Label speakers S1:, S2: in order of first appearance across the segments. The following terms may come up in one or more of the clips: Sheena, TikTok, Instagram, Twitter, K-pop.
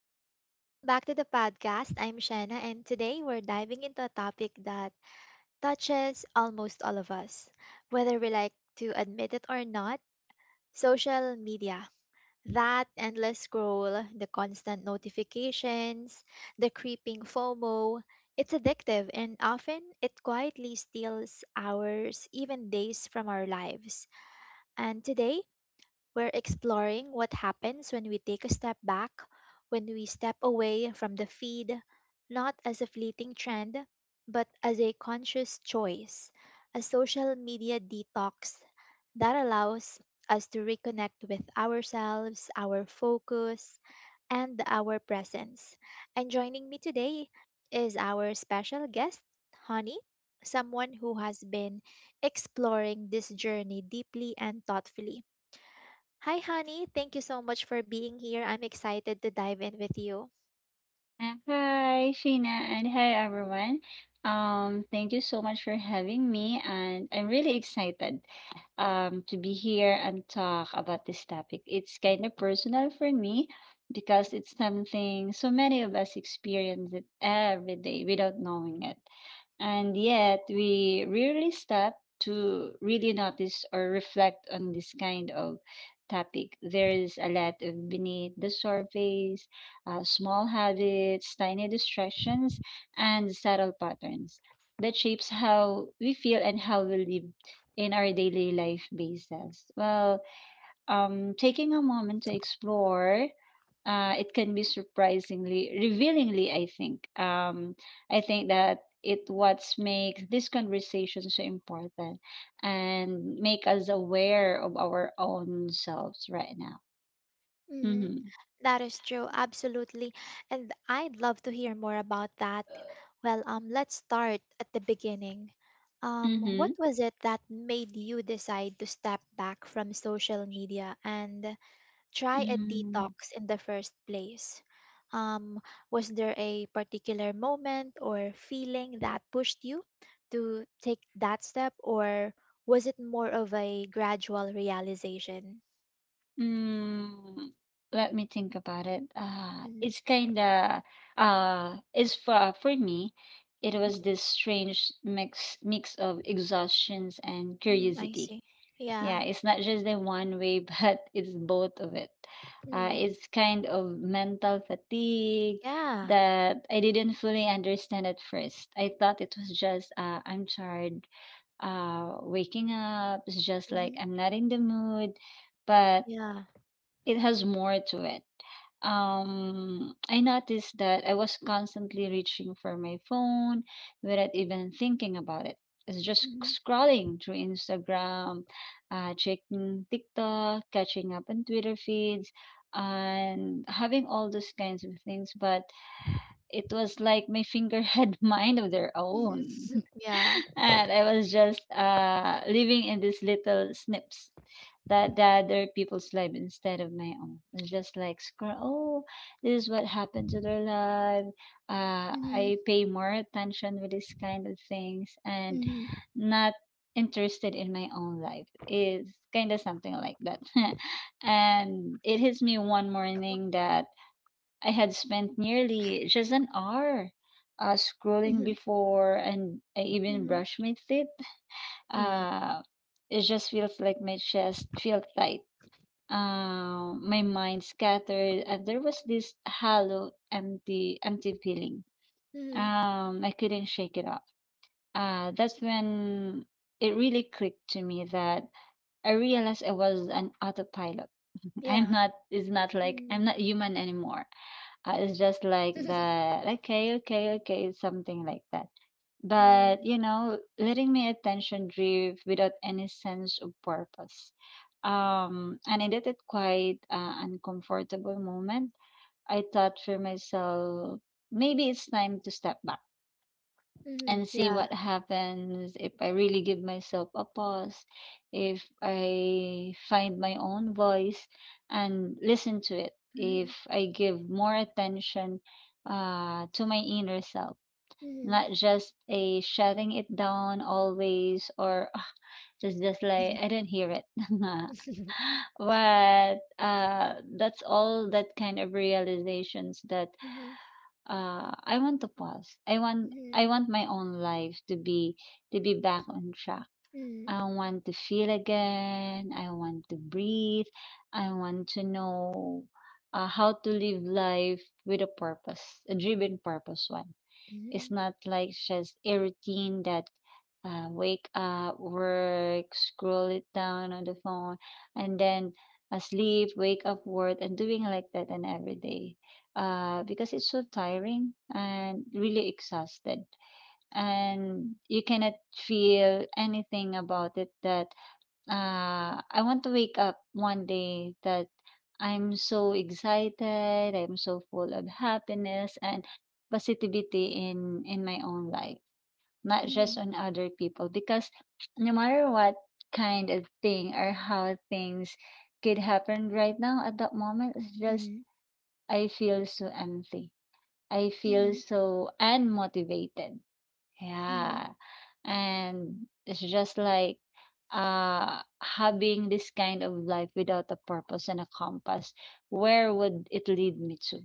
S1: Hi, welcome back to the podcast. I'm Shanna, and today we're diving into a topic that touches almost all of us, whether we like to admit it or not, social media. That endless scroll, the constant notifications, the creeping FOMO, it's addictive, and often it quietly steals hours, even days from our lives. And today, we're exploring what happens when we take a step back, when we step away from the feed, not as a fleeting trend, but as a conscious choice, a social media detox that allows us to reconnect with ourselves, our focus, and our presence. And joining me today is our special guest, Honey, someone who has been exploring this journey deeply and thoughtfully. Hi, Honey. Thank you so much for being here. I'm excited to dive in with you.
S2: Hi, Sheena, and hi everyone. Thank you so much for having me, and I'm really excited. To be here and talk about this topic. It's kind of personal for me because it's something so many of us experience it every day without knowing it. And yet, we rarely stop to really notice or reflect on this kind of topic. There is a lot of beneath the surface, small habits, tiny distractions, and subtle patterns that shapes how we feel and how we live in our daily life basis? Well, taking a moment to explore, it can be surprisingly revealingly, I think. I think that it what makes this conversation so important and make us aware of our own selves right now.
S1: Mm-hmm.
S2: Mm-hmm.
S1: That is true, absolutely. And I'd love to hear more about that. Well, let's start at the beginning. What was it that made you decide to step back from social media and try a
S2: Mm-hmm.
S1: detox in the first place? Um, was there a particular moment or feeling that pushed you to take that step, or was it more of a gradual realization?
S2: Mm, let me think about it.
S1: Mm,
S2: It's kind of it's for me. It was this strange mix of exhaustions and
S1: mm, I
S2: curiosity.
S1: see. Yeah.
S2: Yeah, it's not just the one way, but it's both of it.
S1: Mm,
S2: It's kind of mental fatigue
S1: yeah.
S2: that I didn't fully understand at first. I thought it was just I'm tired, waking up. It's just like
S1: Mhm,
S2: I'm not in the mood, but
S1: yeah.
S2: it has more to it. I noticed that I was constantly reaching for my phone without even thinking about it. It's just
S1: Mhm,
S2: scrolling through Instagram, checking TikTok, catching up on Twitter feeds, and having all those kinds of things. But it was like my finger had mind of their
S1: mhm,
S2: own.
S1: yeah.
S2: And I was just living in these little snips that the other people's life instead of my own. It's just like scroll. Oh, this is what happened to their life.
S1: Mhm,
S2: I pay more attention with this kind of things and
S1: mhm,
S2: not interested in my own life. Is kind of something like that. And it hits me one morning that I had spent nearly just an hour. Scrolling
S1: mhm,
S2: before and I even
S1: mhm,
S2: brushed my teeth.
S1: mm,
S2: Uh, it just feels like my chest feel tight, my mind scattered, and there was this hollow empty feeling.
S1: mm,
S2: Um, I couldn't shake it off. Uh, that's when it really clicked to me that I realized I was an autopilot. I'm
S1: yeah.
S2: not It's not like
S1: Mhm,
S2: I'm not human anymore. It's just like that, like, okay, something like that.
S1: mhm,
S2: But you know, letting my attention drift without any sense of purpose. Um, and I did it quite uncomfortable moment. I thought for myself, maybe it's time to step back
S1: mm,
S2: and see
S1: yeah.
S2: what happens if I really give myself a pause, if I find my own voice and listen to it, if
S1: Mhm,
S2: I give more attention to my inner self,
S1: mhm.
S2: not just a shutting it down always, or "Ah, it's just like I don't hear it." But that's all that kind of realizations that
S1: Mhm,
S2: I want to pause. I want I
S1: mhm,
S2: want my own life to be back on track.
S1: mhm,
S2: I want to feel again. I want to breathe. I want to know how to live life with a purpose, a driven purpose one. It's
S1: mhm,
S2: not like just a routine that wake up, work, scroll it down on the phone, and then sleep, wake up, work, and doing like that and every day. Because it's so tiring and really exhausted, and you cannot feel anything about it, that I want to wake up one day that I'm so excited, I'm so full of happiness and positivity in my own life, not just
S1: mhm,
S2: on other people. Because no matter what kind of thing or how things could happen right now at that moment, it's just
S1: mhm,
S2: I feel so empty. I feel
S1: mhm,
S2: so unmotivated,
S1: mhm,
S2: yeah. And it's just like having this kind of life without a purpose and a compass, where would it lead me to?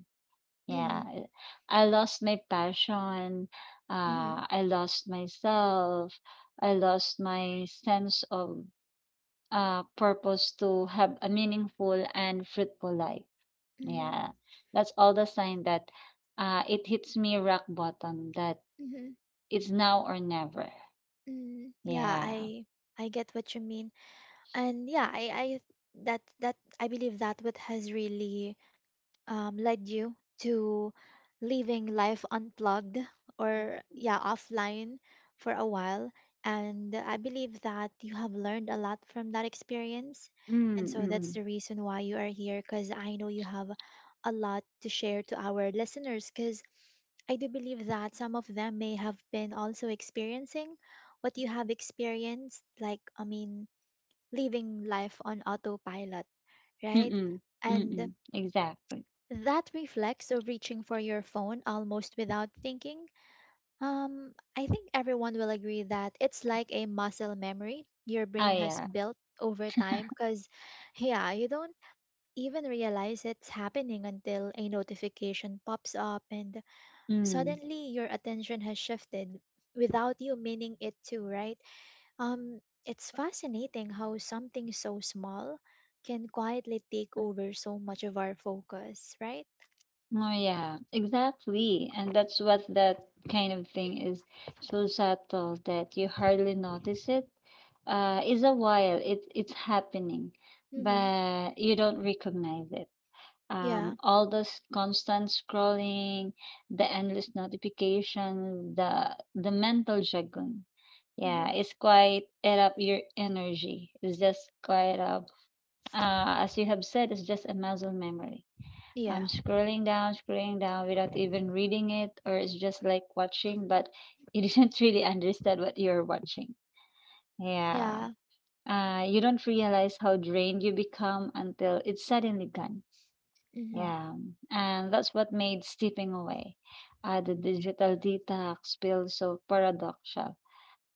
S1: mhm,
S2: Yeah. I lost my passion,
S1: mhm,
S2: I lost myself, I lost my sense of purpose to have a meaningful and fruitful life.
S1: mhm,
S2: Yeah. That's all the sign that it hits me rock bottom, that
S1: mhm,
S2: it's now or never.
S1: mhm. Yeah,
S2: Yeah.
S1: I get what you mean. And yeah, I that that I believe that what has really led you to leaving life unplugged or yeah, offline for a while, and I believe that you have learned a lot from that experience, and
S2: Mm,
S1: so that's
S2: mm,
S1: the reason why you are here, because I know you have a lot to share to our listeners, because I do believe that some of them may have been also experiencing what you have experienced, I mean, living life on autopilot, right?
S2: mm, mm,
S1: And
S2: mm, exactly.
S1: that reflex of reaching for your phone almost without thinking, I think everyone will agree that it's like a muscle memory your
S2: Oh
S1: brain has
S2: yeah.
S1: built over time because, yeah, you don't even realize it's happening until a notification pops up and
S2: Mm.
S1: suddenly your attention has shifted without you meaning it to, right? It's fascinating how something so small can quietly take over so much of our focus, right?
S2: Oh yeah, exactly. And that's what that kind of thing is so subtle that you hardly notice it. Is a while it it's happening,
S1: Mm-hmm.
S2: but you don't recognize it.
S1: Yeah.
S2: All this constant scrolling, the endless notifications, the mental juggling.
S1: Hmm.
S2: Yeah, it's quite add up your energy. It's just quite up. As you have said, it's just a muscle memory. I'm
S1: Yeah.
S2: scrolling down without even reading it, or it's just like watching, but you didn't really understand what you're watching. Yeah.
S1: Yeah.
S2: You don't realize how drained you become until it's suddenly gone,
S1: Hmm.
S2: yeah, and that's what made stepping away, the digital detox feel so paradoxical.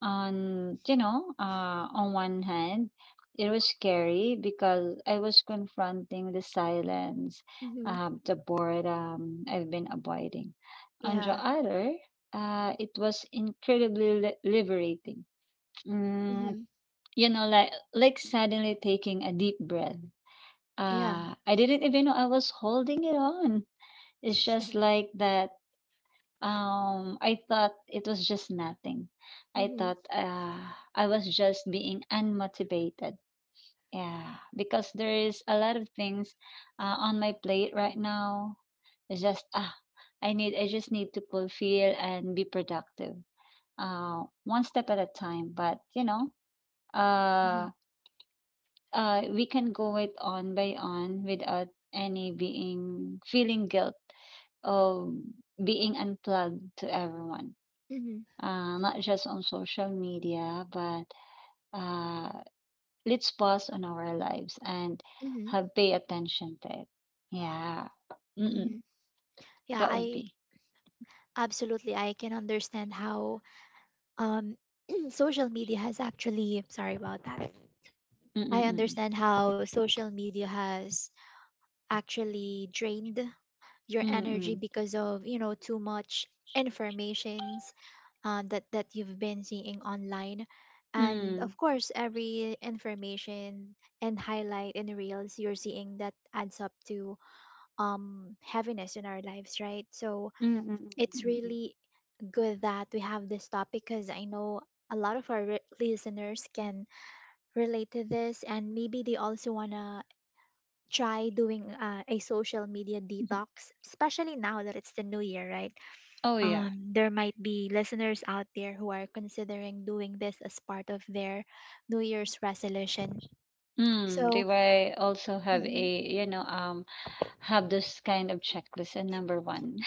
S2: On you know, on one hand, it was scary because I was confronting the silence,
S1: Hmm.
S2: the boredom I've been avoiding. On the
S1: Yeah.
S2: other, it was incredibly liberating. Mm,
S1: Hmm.
S2: you know, like suddenly taking a deep breath.
S1: Yeah.
S2: I didn't even know I was holding it on. It's just like that. I thought it was just nothing. I
S1: Hmm.
S2: thought I was just being unmotivated. Yeah, because there is a lot of things on my plate right now. It's just ah, I need. I just need to fulfill and be productive. One step at a time. But you know,
S1: Hmm.
S2: uh, we can go it on by on without any being feeling guilt, um, being unplugged to everyone,
S1: Hmm.
S2: not just on social media, but uh, let's pause on our lives and
S1: Hmm.
S2: have pay attention to it. Yeah, Mm-mm.
S1: Hmm. Yeah.
S2: That would
S1: I
S2: be.
S1: Absolutely. I can understand how um social media has actually. Sorry about that. I
S2: Mm-mm-mm.
S1: understand how social media has actually drained your energy
S2: Mm-mm.
S1: because of, you know, too much informations that that you've been seeing online, and
S2: Mm.
S1: of course every information and highlight and reels you're seeing that adds up to heaviness in our lives, right? So
S2: Mm-mm-mm-mm-mm.
S1: it's
S2: Mm mm mm.
S1: really good that we have this topic, because I know a lot of our listeners can relate to this, and maybe they also want to try doing a social media
S2: Hmm.
S1: detox, especially now that it's the new year, right?
S2: Oh yeah.
S1: There might be listeners out there who are considering doing this as part of their new year's resolution.
S2: Mm, they
S1: So,
S2: might also have
S1: mhm,
S2: a have this kind of checklist and number one.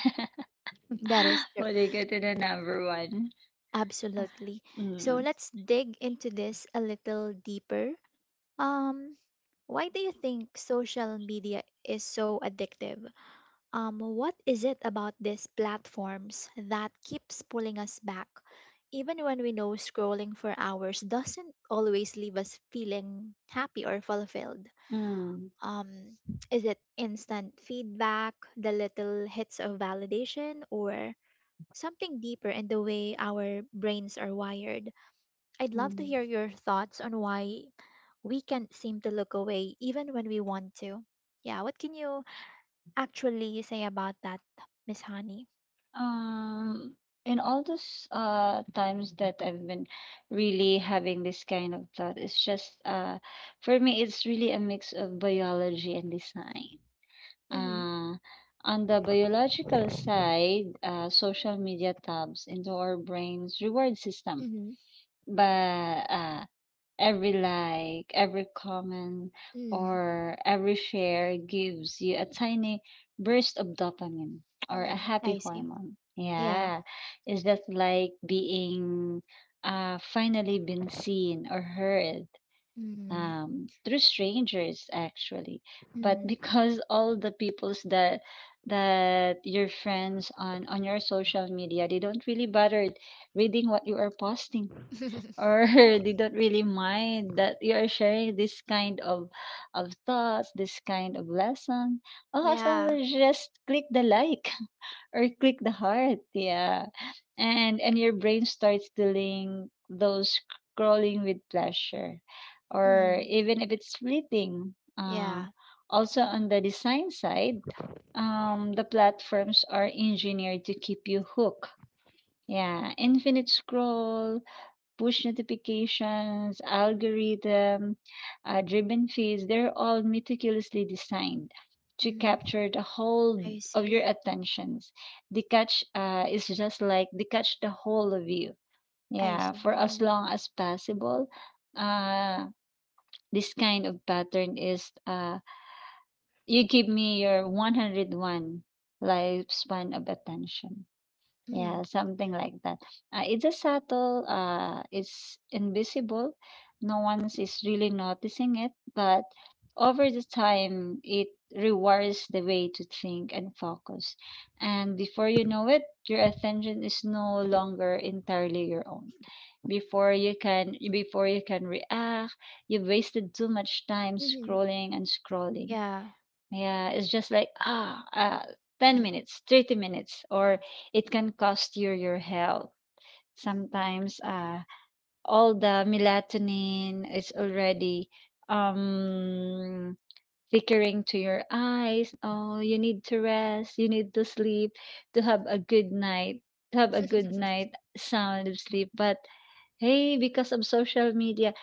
S1: that is true.
S2: When they get to the number one.
S1: Absolutely. So,
S2: Mm.
S1: let's dig into this a little deeper. Um, why do you think social media is so addictive? What is it about these platforms that keeps pulling us back, even when we know scrolling for hours doesn't always leave us feeling happy or fulfilled?
S2: Mm.
S1: Um, is it instant feedback, the little hits of validation, or something deeper in the way our brains are wired? I'd love to
S2: Mm.
S1: hear your thoughts on why we can't seem to look away even when we want to. Yeah, what can you actually say about that, Miss Honey?
S2: Um, in all those times that I've been really having this kind of thought, it's just for me it's really a mix of biology and design.
S1: Mm-hmm.
S2: Uh on the biological side, social media tabs into our brain's reward system.
S1: Mm-hmm.
S2: But every like, every comment,
S1: Mm.
S2: or every share gives you a tiny burst of dopamine or a
S1: Mm.
S2: happy
S1: I see.
S2: hormone.
S1: Yeah.
S2: Yeah, it's just like being finally been seen or heard
S1: Mm.
S2: through strangers, actually. But
S1: Mm-hmm.
S2: because all the peoples that your friends on your social media, they don't really bother reading what you are posting, or they don't really mind that you are sharing this kind of thoughts, this kind of lesson. Oh, as long
S1: Yeah.
S2: as you just click the like, or click the heart, yeah, and your brain starts doing those scrolling with pleasure, or
S1: Mm-hmm.
S2: even if it's fleeting.
S1: Yeah.
S2: Also on the design side, the platforms are engineered to keep you hooked. Yeah, infinite scroll, push notifications, algorithm, driven feeds, they're all meticulously designed to
S1: Mm-hmm.
S2: capture the whole
S1: I
S2: of your
S1: see.
S2: attentions. The catch is just like they catch the whole of you.
S1: I
S2: Yeah,
S1: see.
S2: for as
S1: Mm-hmm.
S2: long as possible. Uh, this kind of pattern is you give me your 101 lifespan of attention. Yeah,
S1: Mm.
S2: something like that. It's a subtle, it's invisible. No one's is really noticing it, but over the time, it rewires the way to think and focus. And before you know it, your attention is no longer entirely your own. Before you can react, you've wasted too much time
S1: Mm-hmm.
S2: scrolling and scrolling,
S1: Yeah.
S2: yeah, it's just like ah, 10 minutes, 30 minutes, or it can cost you your health. Sometimes all the melatonin is already um, flickering to your eyes. Oh, you need to rest, you need to sleep to have a good night, to have a good night, sound of sleep. But hey, because of social media,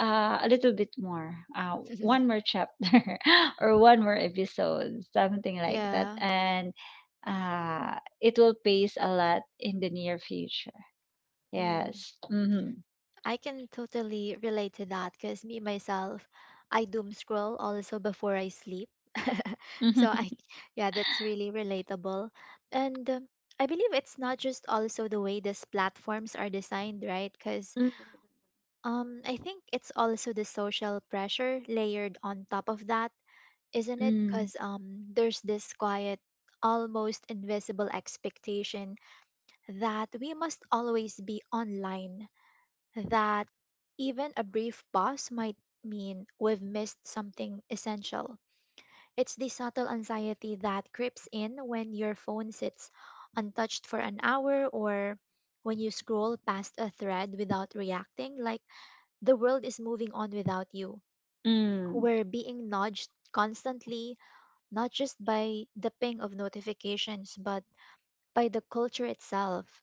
S2: a little bit more,
S1: Mm-hmm.
S2: one more chapter or one more episode, something like that.
S1: Yeah.
S2: And it will pace a lot in the near future.
S1: Mm.
S2: Yes. Mm-hmm.
S1: I can totally relate to that because me myself, I doom scroll also before I sleep. So
S2: Mm-hmm.
S1: I, yeah, that's really relatable. And I believe it's not just also the way these platforms are designed, right? Because I think it's also the social pressure layered on top of that, isn't
S2: Mm,
S1: it?
S2: mm,
S1: Because there's this quiet, almost invisible expectation that we must always be online, that even a brief pause might mean we've missed something essential. It's the subtle anxiety that creeps in when your phone sits untouched for an hour, or when you scroll past a thread without reacting, like the world is moving on without you.
S2: mm,
S1: We're being nudged constantly, not just by the ping of notifications, but by the culture itself.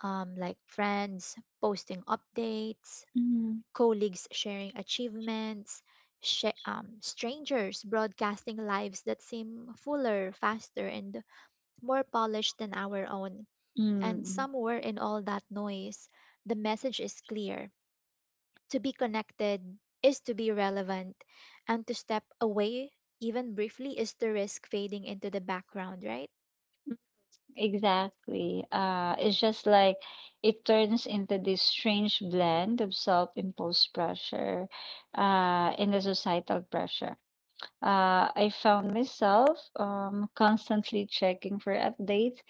S1: Like friends posting updates,
S2: mm,
S1: colleagues sharing achievements, strangers broadcasting lives that seem fuller, faster, and more polished than our own. And
S2: mm.
S1: somewhere in all that noise, the message is clear. To be connected is to be relevant, and to step away, even briefly, is to risk fading into the background, right?
S2: Exactly. It's just like it turns into this strange blend of self-imposed pressure, and the societal pressure. I found myself constantly checking for updates,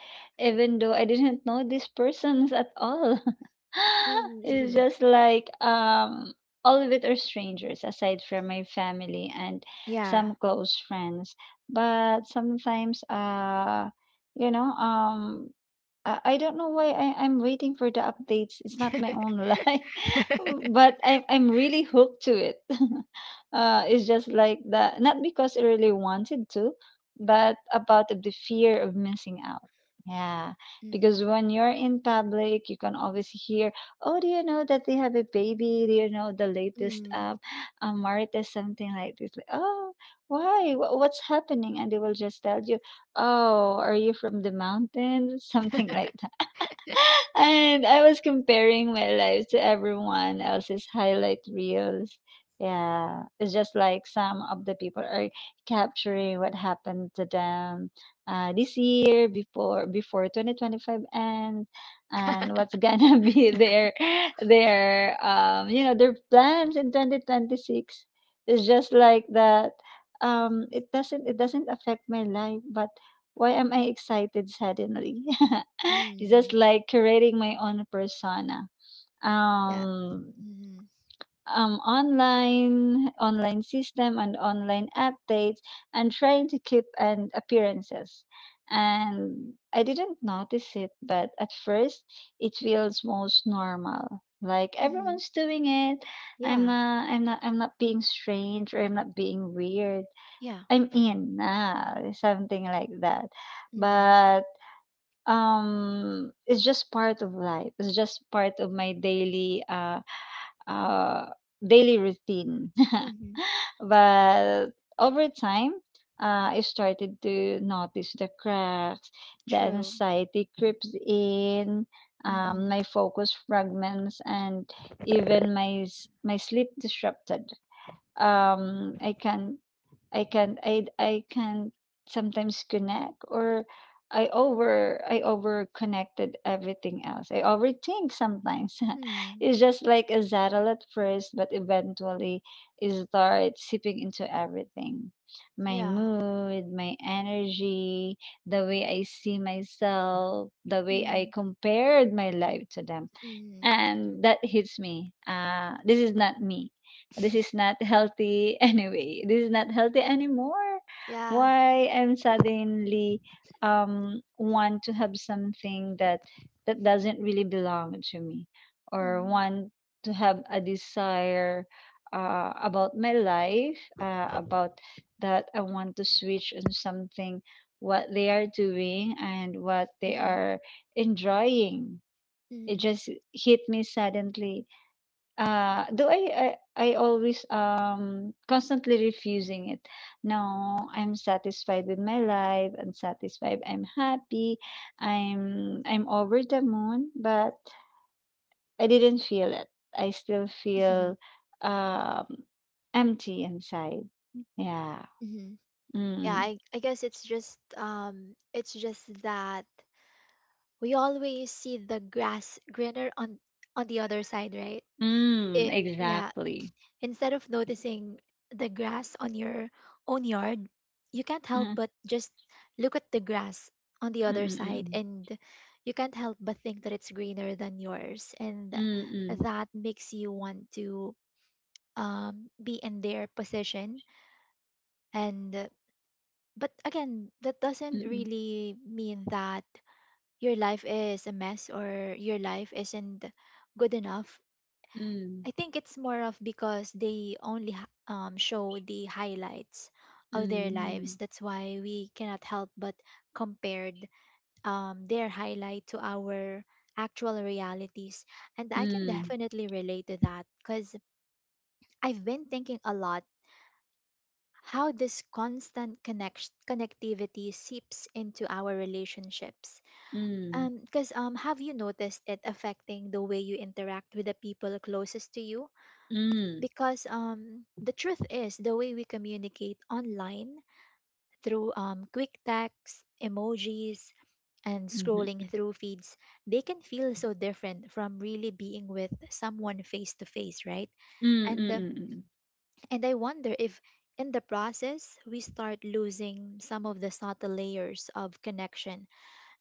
S2: even though I didn't know these persons at all. It's
S1: Mhm.
S2: just like all of it are strangers, aside from my family and
S1: Yeah.
S2: some close friends. But sometimes, you know, I don't know why I'm waiting for the updates. It's not my own life, but I'm really hooked to it. It's just like that, not because I really wanted to, but about of the fear of missing out. Yeah,
S1: Mm-hmm.
S2: because when you're in public, you can always hear, "Oh, do you know that they have a baby? Do you know the latest
S1: Mm,
S2: Marita something like this?" Like, oh, why? What's happening? And they will just tell you, "Oh, are you from the mountains?" Something like that, and I was comparing my life to everyone else's highlight reels. Yeah, it's just like some of the people are capturing what happened to them, this year before 2025 ends, and what's gonna be their you know their plans in 2026. It's just like that. It doesn't affect my life, but why am I excited suddenly? It's just
S1: mm,
S2: like creating my own persona.
S1: yeah.
S2: Um,
S1: Mm-hmm.
S2: online system, and online updates, and trying to keep and appearances. And I didn't notice it, but at first it feels most normal. Like
S1: Mm-hmm.
S2: everyone's doing it. I'm
S1: Yeah.
S2: not. I'm not. I'm not being strange, or I'm not being weird.
S1: Yeah.
S2: I'm in now, something like that.
S1: Mm-hmm.
S2: But it's just part of life. It's just part of my daily uh daily routine.
S1: Mm-hmm.
S2: But over time, I started to notice the cracks, the
S1: True.
S2: anxiety creeps in,
S1: Mm-hmm.
S2: my focus fragments, and even my my sleep disrupted. Um, I can I can sometimes connect, or I over connected everything else. I overthink sometimes.
S1: Mm,
S2: It's just like a saddle at first, but eventually it starts seeping into everything. My
S1: yeah.
S2: mood, my energy, the way I see myself, the way I
S1: Mm-hmm.
S2: compared my life to them.
S1: Mm-hmm.
S2: And that hits me. This is not me. This is not healthy anyway. This is not healthy anymore.
S1: Yeah.
S2: Why I'm suddenly want to have something that doesn't really belong to me, or
S1: Mm-hmm.
S2: want to have a desire, about my life, about that I want to switch on something, what they are doing and what they
S1: Mm-hmm.
S2: are enjoying. It
S1: Mm-hmm.
S2: just hit me suddenly. Do I always constantly refusing it. No, I'm satisfied with my life. I'm satisfied. I'm happy. I'm over the moon. But I didn't feel it. I still feel um empty inside. Yeah.
S1: Mm-hmm. Yeah.
S2: Mm.
S1: I guess it's just that we always see the grass greener on the other side, right?
S2: Mm.
S1: It, yeah.
S2: Exactly.
S1: Instead of noticing the grass on your own yard, you can't help
S2: Mm.
S1: but just look at the grass on the other side,
S2: Mm.
S1: and you can't help but think that it's greener than yours, and
S2: Mm.
S1: that makes you want to be in their position, and but again that doesn't
S2: Mm.
S1: really mean that your life is a mess or your life isn't good enough.
S2: Mm.
S1: I think it's more of because they only show the highlights of their lives,
S2: Mm.
S1: that's why we cannot help but compared their highlight to our actual realities. And I can
S2: Mm.
S1: definitely relate to that, because I've been thinking a lot how this constant connectivity seeps into our relationships.
S2: Mm. Mm.
S1: Because Have you noticed it affecting the way you interact with the people closest to you?
S2: Mm. Mm.
S1: Because the truth is, the way we communicate online through quick texts, emojis, and
S2: Mm. Mm.
S1: scrolling through feeds, they can feel so different from really being with someone face to face, right?
S2: Mm,
S1: And
S2: mm,
S1: um
S2: mm, mm,
S1: and I wonder if in the process we start losing some of the subtle layers of connection,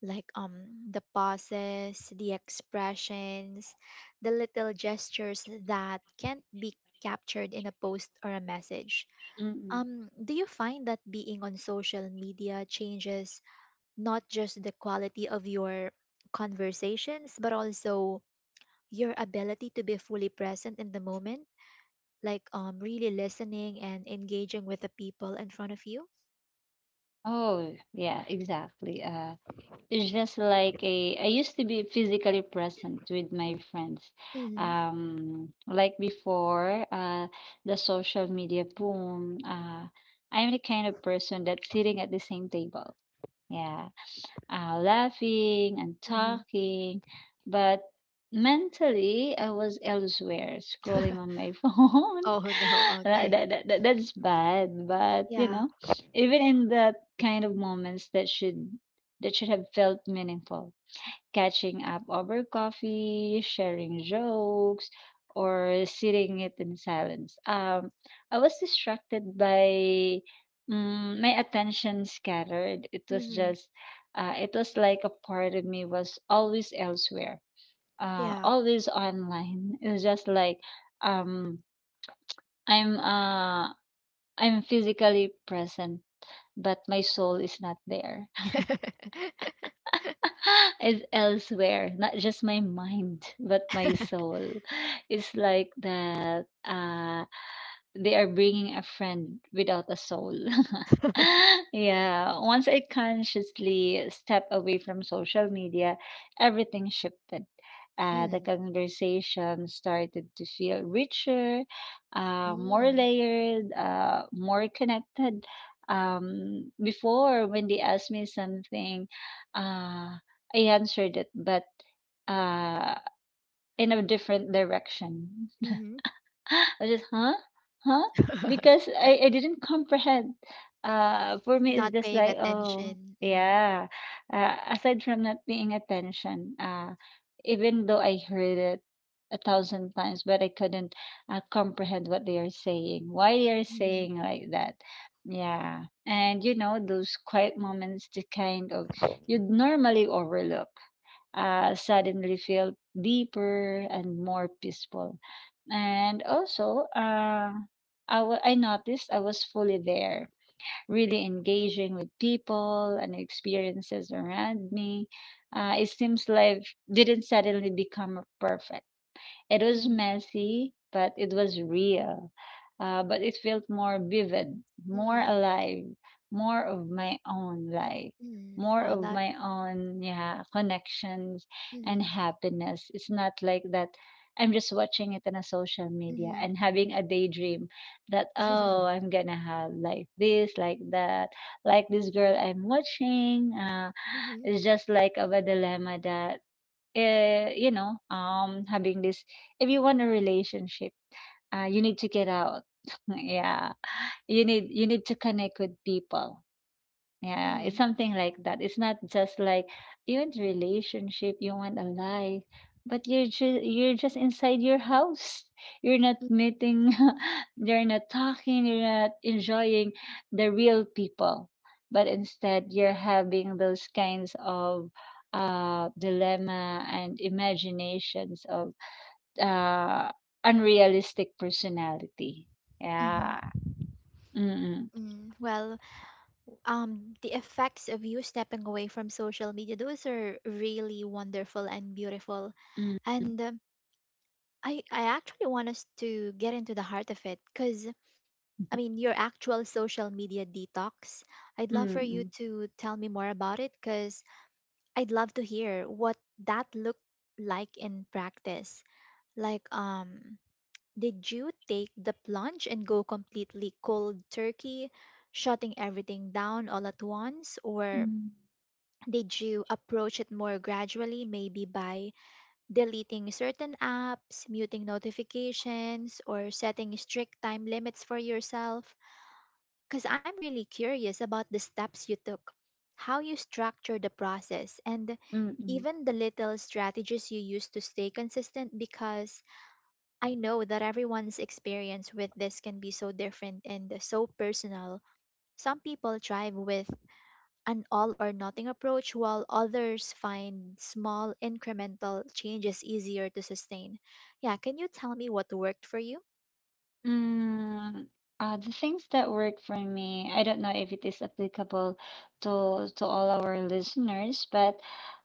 S1: like the pauses, the expressions, the little gestures that can't be captured in a post or a message.
S2: mm. Mm.
S1: Do you find that being on social media changes not just the quality of your conversations but also your ability to be fully present in the moment, like really listening and engaging with the people in front of you?
S2: Oh, yeah, exactly. It's just like I used to be physically present with my friends.
S1: Hmm.
S2: Like before, the social media boom, I'm the kind of person that's sitting at the same table. Yeah, laughing and
S1: Mhm.
S2: talking. But mentally, I was elsewhere, scrolling on my phone.
S1: Oh no,
S2: that,
S1: okay.
S2: that, that, that- that's bad. But,
S1: Yeah.
S2: even in that kind of moments that should have felt meaningful, catching up over coffee, sharing jokes, or sitting it in silence. I was distracted by, my attention scattered.
S1: Mhm.
S2: It was like a part of me was always elsewhere,
S1: Yeah.
S2: always online. It was just like um, I'm, uh, I'm physically present, but my soul is not there. Is elsewhere, not just my mind, but my soul. It's like that. They are bringing a friend without a soul. Yeah, once I consciously step away from social media, everything shifted. The
S1: Mm,
S2: conversation started to feel richer, more
S1: mm,
S2: layered, more connected. Before, when they asked me something, uh, I answered it, but uh, in a different direction.
S1: mhm.
S2: I was just, "Huh? Huh?" Because I didn't comprehend. For me, it's
S1: Not
S2: just
S1: paying
S2: like, "Oh,
S1: attention. Mm,
S2: yeah." Aside from not paying attention, even though I heard it a thousand times, but I couldn't, comprehend what they are saying, why they are
S1: mhm.
S2: saying like that. Yeah. And those quiet moments, the kind of you'd normally overlook, suddenly felt deeper and more peaceful. And also, I noticed I was fully there, really engaging with people and experiences around me. It seems life didn't suddenly become perfect. It was
S1: Mm,
S2: messy, but it was real. But it felt more vivid, more
S1: mm,
S2: alive, more of my own life,
S1: mm.
S2: more
S1: Well,
S2: of
S1: that.
S2: my own, yeah, connections and
S1: Mm,
S2: happiness. It's not like that. I'm just watching it on a social
S1: mm,
S2: media
S1: mm,
S2: and having a daydream that, oh, I'm gonna have like this, like that, like this girl I'm watching.
S1: mm,
S2: It's just like of a dilemma that having this, if you want a relationship, you need to get out. Yeah, you need to connect with people. Yeah, it's
S1: mm,
S2: something like that. It's not just like you want relationship, you want a life, but you're just inside your house. You're not meeting, you're not talking, you're not enjoying the real people. But instead, you're having those kinds of dilemma and imaginations of uh unrealistic personality. Yeah.
S1: mm,
S2: Mm-mm.
S1: mm. Well, the effects of you stepping away from social media, those are really wonderful and beautiful.
S2: Mm-mm.
S1: And I actually want us to get into the heart of it because, I mean, your actual social media detox. I'd love for you to tell me more about it because I'd love to hear what that looked like in practice. Like, um, did you take the plunge and go completely cold turkey, shutting everything down all at once, or?
S2: Mm-mm.
S1: Did you approach it more gradually, maybe by deleting certain apps, muting notifications, or setting strict time limits for yourself? Because I'm really curious about the steps you took, how you structured the process, and
S2: Mm-mm.
S1: even the little strategies you use to stay consistent, because I know that everyone's experience with this can be so different and so personal. Some people thrive with an all or nothing approach, while others find small incremental changes easier to sustain. Yeah, can you tell me what worked for you?
S2: Mm. The things that work for me, I don't know if it is applicable to all our listeners, but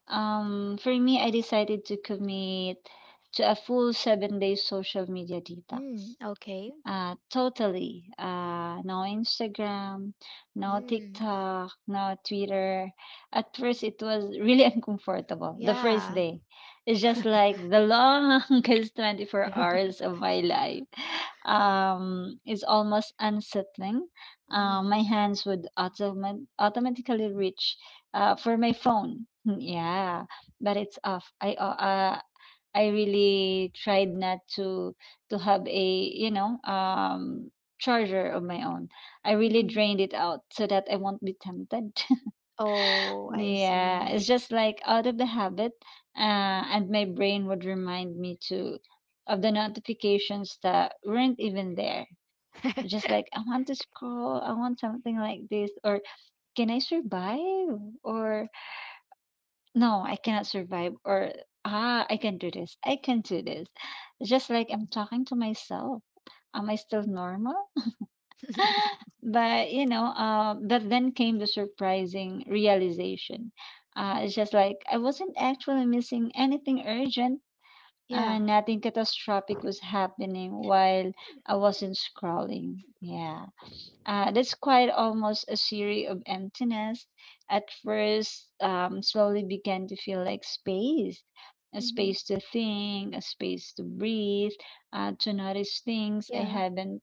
S2: for me, I decided to commit to a full 7-day social media detox.
S1: Mm, okay.
S2: Totally. No Instagram, no
S1: Mm,
S2: TikTok, no Twitter. At first, it was really uncomfortable the first
S1: yeah.
S2: day. It's just like the longest 24 hours of my life. It's almost unsettling.
S1: Mm,
S2: My hands would automatically reach, for my phone. Yeah, but it's off. I really tried not to have a you know um charger of my own. I really
S1: hmm.
S2: drained it out so that I won't be tempted.
S1: Oh, I
S2: Yeah, it's
S1: see.
S2: just like out of the habit, and my brain would remind me to of the notifications that weren't even there. Just like I want to scroll, I want something like this, or can I survive, or no, I cannot survive or, I can do this. I can do this. Just like I'm talking to myself. Am I still normal? But then came the surprising realization. It's just like I wasn't actually missing anything urgent.
S1: Yeah.
S2: Nothing catastrophic was happening while I wasn't scrolling. Yeah. That's quite almost a series of emptiness. At first, slowly began to feel like space, a
S1: Hmm.
S2: space to think, a space to breathe, to notice things
S1: Yeah.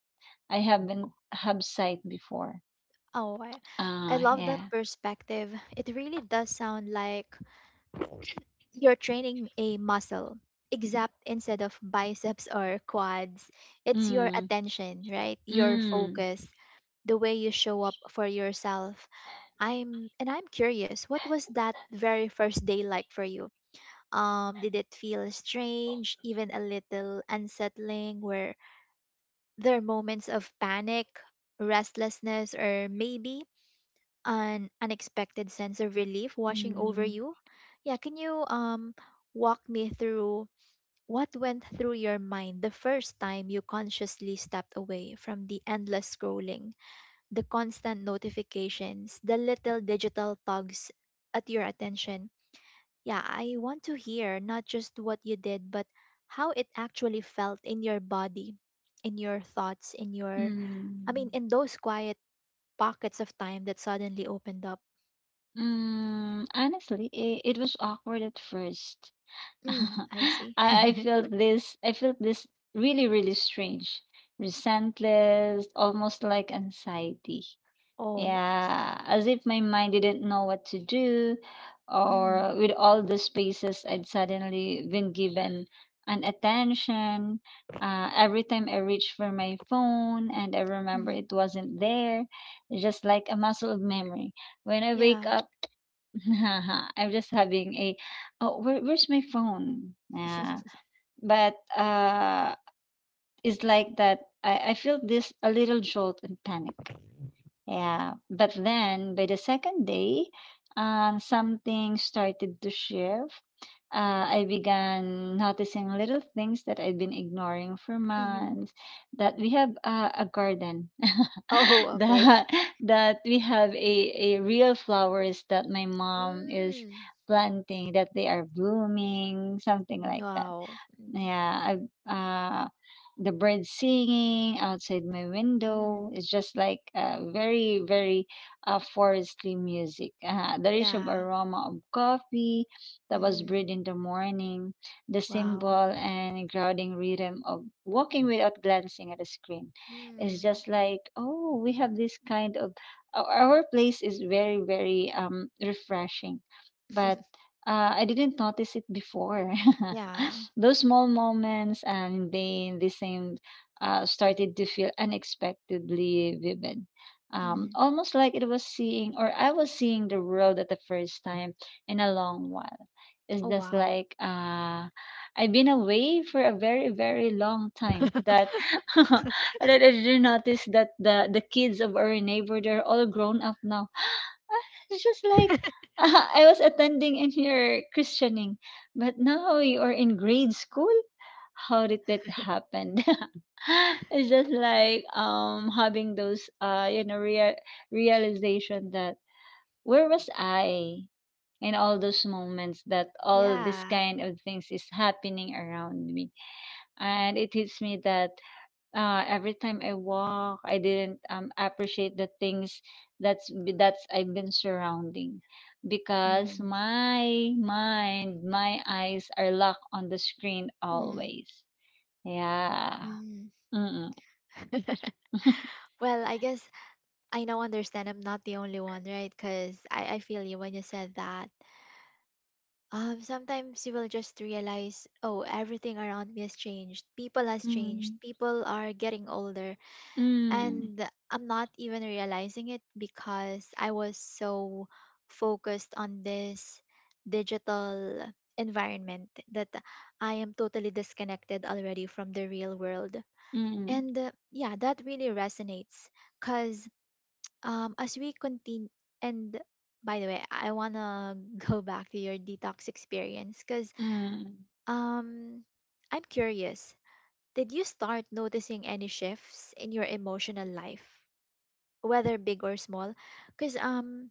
S2: I haven't have sight before.
S1: Oh, I
S2: Ah,
S1: love that
S2: yeah.
S1: perspective. It really does sound like you're training a muscle, except instead of biceps or quads, it's your
S2: Mm,
S1: attention, right? Your
S2: mm,
S1: focus, the way you show up for yourself. I'm and I'm curious, what was that very first day like for you? Did it feel strange, even a little unsettling? Were there moments of panic, restlessness, or maybe an unexpected sense of relief washing over
S2: mm,
S1: you? Yeah, can you walk me through what went through your mind the first time you consciously stepped away from the endless scrolling, the constant notifications, the little digital tugs at your attention? Yeah, I want to hear not just what you did, but how it actually felt in your body, in your thoughts, in your, I mean,
S2: mm,
S1: in those quiet pockets of time that suddenly opened up.
S2: mm. Honestly, it was awkward at first.
S1: Mm,
S2: I,
S1: I see.
S2: I felt this I felt this really, really strange. Resentless, almost like anxiety.
S1: Oh, I see.
S2: Yeah. As if my mind didn't know what to do
S1: Mm-hmm.
S2: or with all the spaces I'd suddenly been given an attention. Every time I reached for my phone and I remember
S1: Mm-hmm.
S2: it wasn't there, it's just like a muscle of memory. When I wake
S1: Yeah.
S2: up, haha, I'm just having a oh, where's my phone? Yeah, but it's like that. I feel this a little jolt and panic. Yeah, but then by the second day, something started to shift. I began noticing little things that I'd been ignoring for
S1: Hmm.
S2: months. That we have, a garden,
S1: Oh, okay.
S2: that that we have a real flowers that my mom is
S1: Mm.
S2: planting, that they are blooming, something like that.
S1: Wow. Mm.
S2: Yeah, I, uh, the birds singing outside my window.
S1: Mhm.
S2: It's just like, very, very forestry music. The rich of
S1: Yeah.
S2: aroma of coffee that was
S1: Mhm.
S2: brewed in the morning, the simple
S1: Wow.
S2: and grounding rhythm of walking without glancing at a screen. It's
S1: Mm.
S2: just like, oh, we have our place is very, very refreshing. But I didn't notice it before.
S1: Yeah.
S2: Those small moments and then the same, started to feel unexpectedly vivid.
S1: Mhm.
S2: Almost like it was seeing, or I was seeing the world at the first time in a long while. It's
S1: Oh,
S2: just
S1: wow.
S2: like I've been away for a very, very long time. That that I did notice that the kids of our neighbor, they're all grown up now. It's just like, I was attending in your christening but now you're in grade school? How did that happen? It's just like, having those real realization that where was I in all those moments that all this
S1: Yeah.
S2: kind of things is happening around me. And it hits me that, every time I walk, I didn't, appreciate the things that's that's I've been surrounding, because
S1: Mhm.
S2: my mind, my eyes are locked on the screen
S1: Mhm.
S2: always. Yeah.
S1: Mhm.
S2: Mm.
S1: Well, I guess I now understand I'm not the only one, right? Because I feel you when you said that. Sometimes you will just realize, oh, everything around me has changed. People has changed.
S2: Mm.
S1: People are getting older.
S2: Mm.
S1: And I'm not even realizing it because I was so focused on this digital environment that I am totally disconnected already from the real world.
S2: Mm.
S1: And yeah, that really resonates because as we continue, and by the way, I want to go back to your detox experience because
S2: Mm.
S1: um, I'm curious. Did you start noticing any shifts in your emotional life, whether big or small, because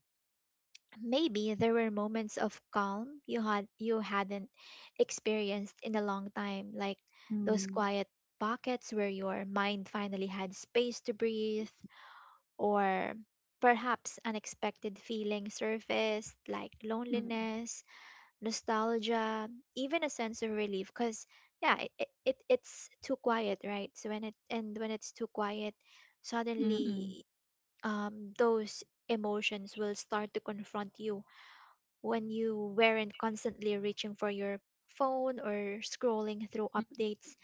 S1: maybe there were moments of calm you had you hadn't experienced in a long time, like those
S2: Mm.
S1: quiet pockets where your mind finally had space to breathe, or perhaps unexpected feelings surfaced like
S2: Mm.
S1: loneliness, nostalgia, even a sense of relief? Because yeah, it's too quiet, right? So when it, and when it's too quiet
S2: Mm. Mm.
S1: suddenly, those emotions will start to confront you when you weren't constantly reaching for your phone or scrolling through
S2: Mm.
S1: updates.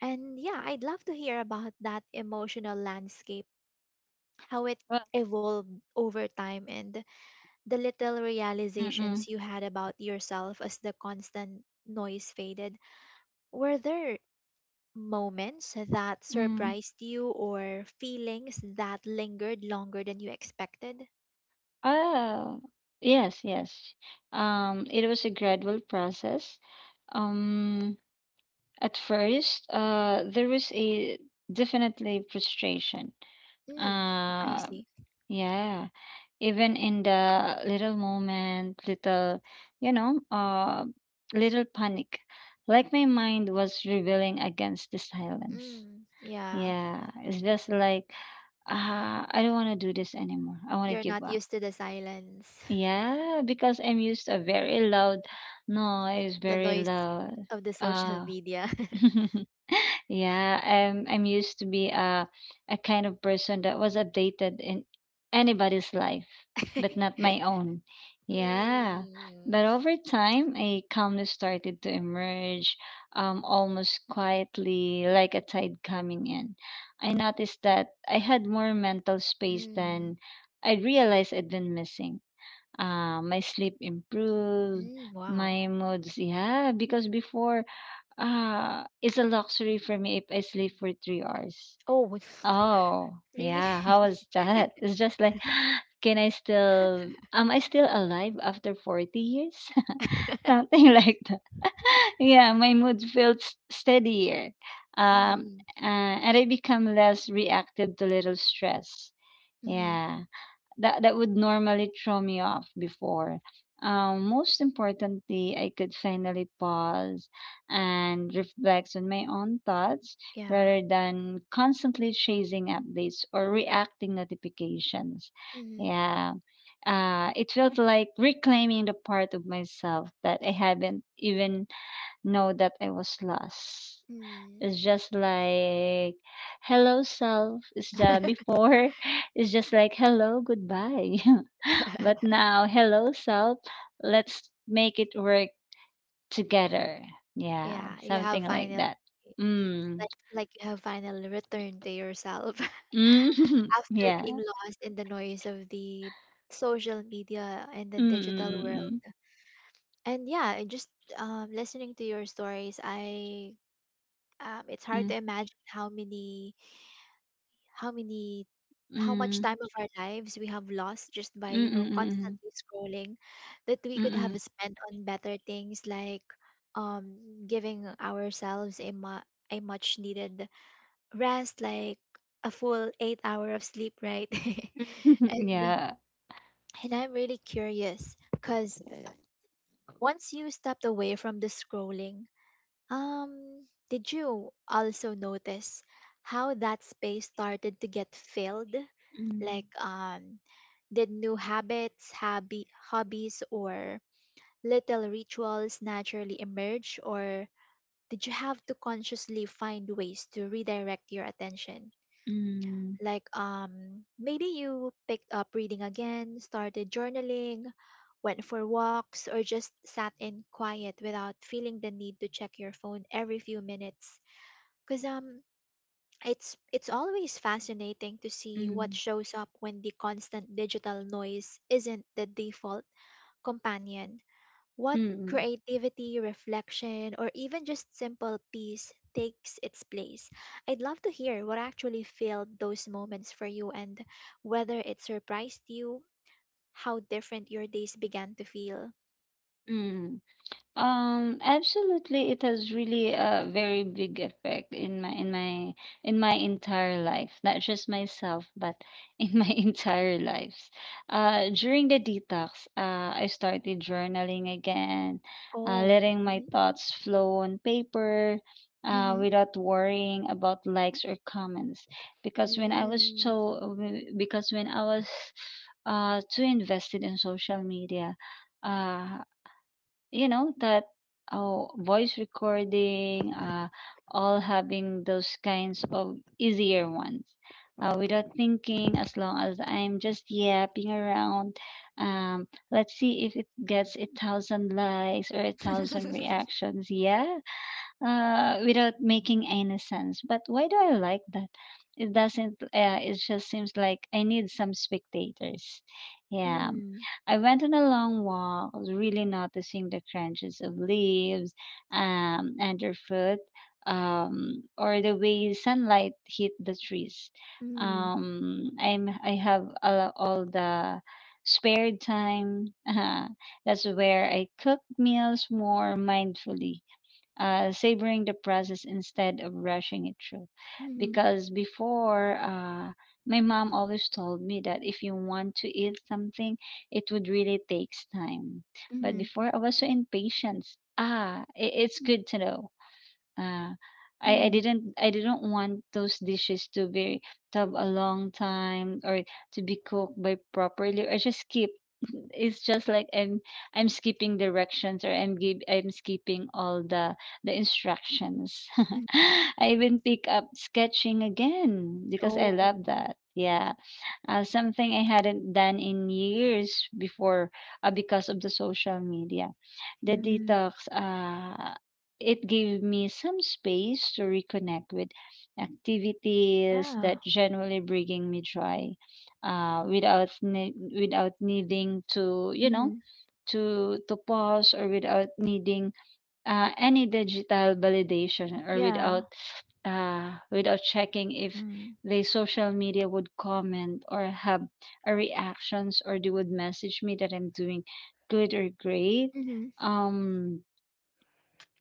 S1: And yeah, I'd love to hear about that emotional landscape, how it
S2: Well.
S1: evolved over time, and the little
S2: Mm.
S1: realizations you had about yourself as the constant noise faded. Were there moments that
S2: Mm.
S1: surprised you or feelings that lingered longer than you expected?
S2: Oh. Yes. Yes. It was a gradual process. Um. At first, there was a definitely frustration.
S1: Mm, I
S2: Uh,
S1: see.
S2: yeah, even in the little moment, little, you know, uh, little panic, like my mind was rebelling against the silence.
S1: Mm, yeah.
S2: Yeah, it's just like, I don't want to do this anymore. I want to
S1: You're
S2: give
S1: not
S2: up.
S1: used to the silence.
S2: Yeah, because I'm used to a very loud noise,
S1: The
S2: very
S1: noise
S2: loud.
S1: of the social
S2: Uh,
S1: media.
S2: Yeah, I'm used to be a kind of person that was updated in anybody's life, but not my own. Yeah.
S1: Mm.
S2: But over time, a calmness started to emerge, almost quietly, like a tide coming in. I noticed that I had more mental space
S1: Mm.
S2: than I realized I'd been missing. My sleep improved,
S1: Mm. Wow.
S2: my moods, yeah, because before it's a luxury for me if I sleep for 3 hours.
S1: Oh.
S2: Oh,
S1: Really?
S2: yeah. How was that? It's just like, can I still, am I still alive after 40 years? Something like that. Yeah, my mood felt steadier. Um,
S1: Mm-hmm.
S2: and I become less reactive to little stress.
S1: Mm-hmm.
S2: Yeah, that that would normally throw me off before. Most importantly, I could finally pause and reflect on my own thoughts
S1: Yeah.
S2: rather than constantly chasing updates or reacting notifications.
S1: Mm-hmm.
S2: Yeah. It felt like reclaiming the part of myself that I haven't even know that I was lost.
S1: Mm.
S2: It's just like, hello, self. It's the before. It's just like, hello, goodbye. But now, hello, self. Let's make it work together. Yeah,
S1: Yeah, you have
S2: something like
S1: finally,
S2: that. Mm.
S1: like you have finally returned to yourself
S2: Mm.
S1: after being
S2: Yeah.
S1: lost in the noise of the social media and the digital world.
S2: Mm.
S1: And yeah, and just listening to your stories, I, it's hard
S2: Mm.
S1: to imagine how many, how many, how much
S2: Mm.
S1: time of our lives we have lost just by you know
S2: Mm.
S1: constantly scrolling, that we could
S2: Mm.
S1: have spent on better things like, um, giving ourselves a a much needed rest, like a full 8 hour of sleep, right?
S2: Mm. Mm. Mm. Mm.
S1: and
S2: Yeah.
S1: and I'm really curious because once you stepped away from the scrolling, did you also notice how that space started to get filled? Like,
S2: Mm.
S1: did new habits, hobbies, or little rituals naturally emerge, or did you have to consciously find ways to redirect your attention?
S2: Mm.
S1: Like, maybe you picked up reading again, started journaling, went for walks, or just sat in quiet without feeling the need to check your phone every few minutes? Cause it's always fascinating to see what
S2: Mm.
S1: shows up when the constant digital noise isn't the default companion. What
S2: Mm. Mm.
S1: creativity, reflection, or even just simple peace takes its place. I'd love to hear what actually filled those moments for you, and whether it surprised you how different your days began to feel.
S2: Mm. Absolutely, it has really a very big effect in my entire life, not just myself, but in my entire lives. During the detox, I started journaling again,
S1: Oh.
S2: letting my
S1: Mm-hmm.
S2: thoughts flow on paper,
S1: Mm-hmm.
S2: without worrying about likes or comments. Because when I was
S1: Mm.
S2: so, because when I was too invested in social media, uh you know that oh, voice recording, all having those kinds of easier ones, without thinking, as long as I'm just yapping around. Let's see if it gets 1,000 likes or a thousand reactions yeah, without making any sense. But why do I like that? It doesn't. It just seems like I need some spectators. Yeah,
S1: Mm.
S2: I went on a long walk, really noticing the crunches of leaves, underfoot, or the way sunlight hit the trees.
S1: Mm.
S2: I have all the spare time. That's where I cook meals more mindfully, savoring the process instead of rushing it through.
S1: Mhm.
S2: Because before, my mom always told me that if you want to eat something, it would really takes time. But
S1: Mhm.
S2: before, I was so impatient. I it's good to know. Uh, I
S1: Mhm.
S2: didn't want those dishes to be to have a long time or to be cooked by properly or just keep, it's just like I'm skipping directions, or I'm skipping all the instructions.
S1: Mm.
S2: I even pick up sketching again because I
S1: Oh.
S2: love that. Yeah, something I hadn't done in years before, because of the social media. The
S1: Mm.
S2: detox, it gave me some space to reconnect with activities
S1: Yeah.
S2: that generally bringing me joy, without needing to, you know,
S1: Mhm.
S2: to pause, or without needing any digital validation, or
S1: Yeah.
S2: without without checking if
S1: Mm.
S2: the social media would comment or have a reactions, or they would message me that I'm doing good or great.
S1: Mhm.
S2: um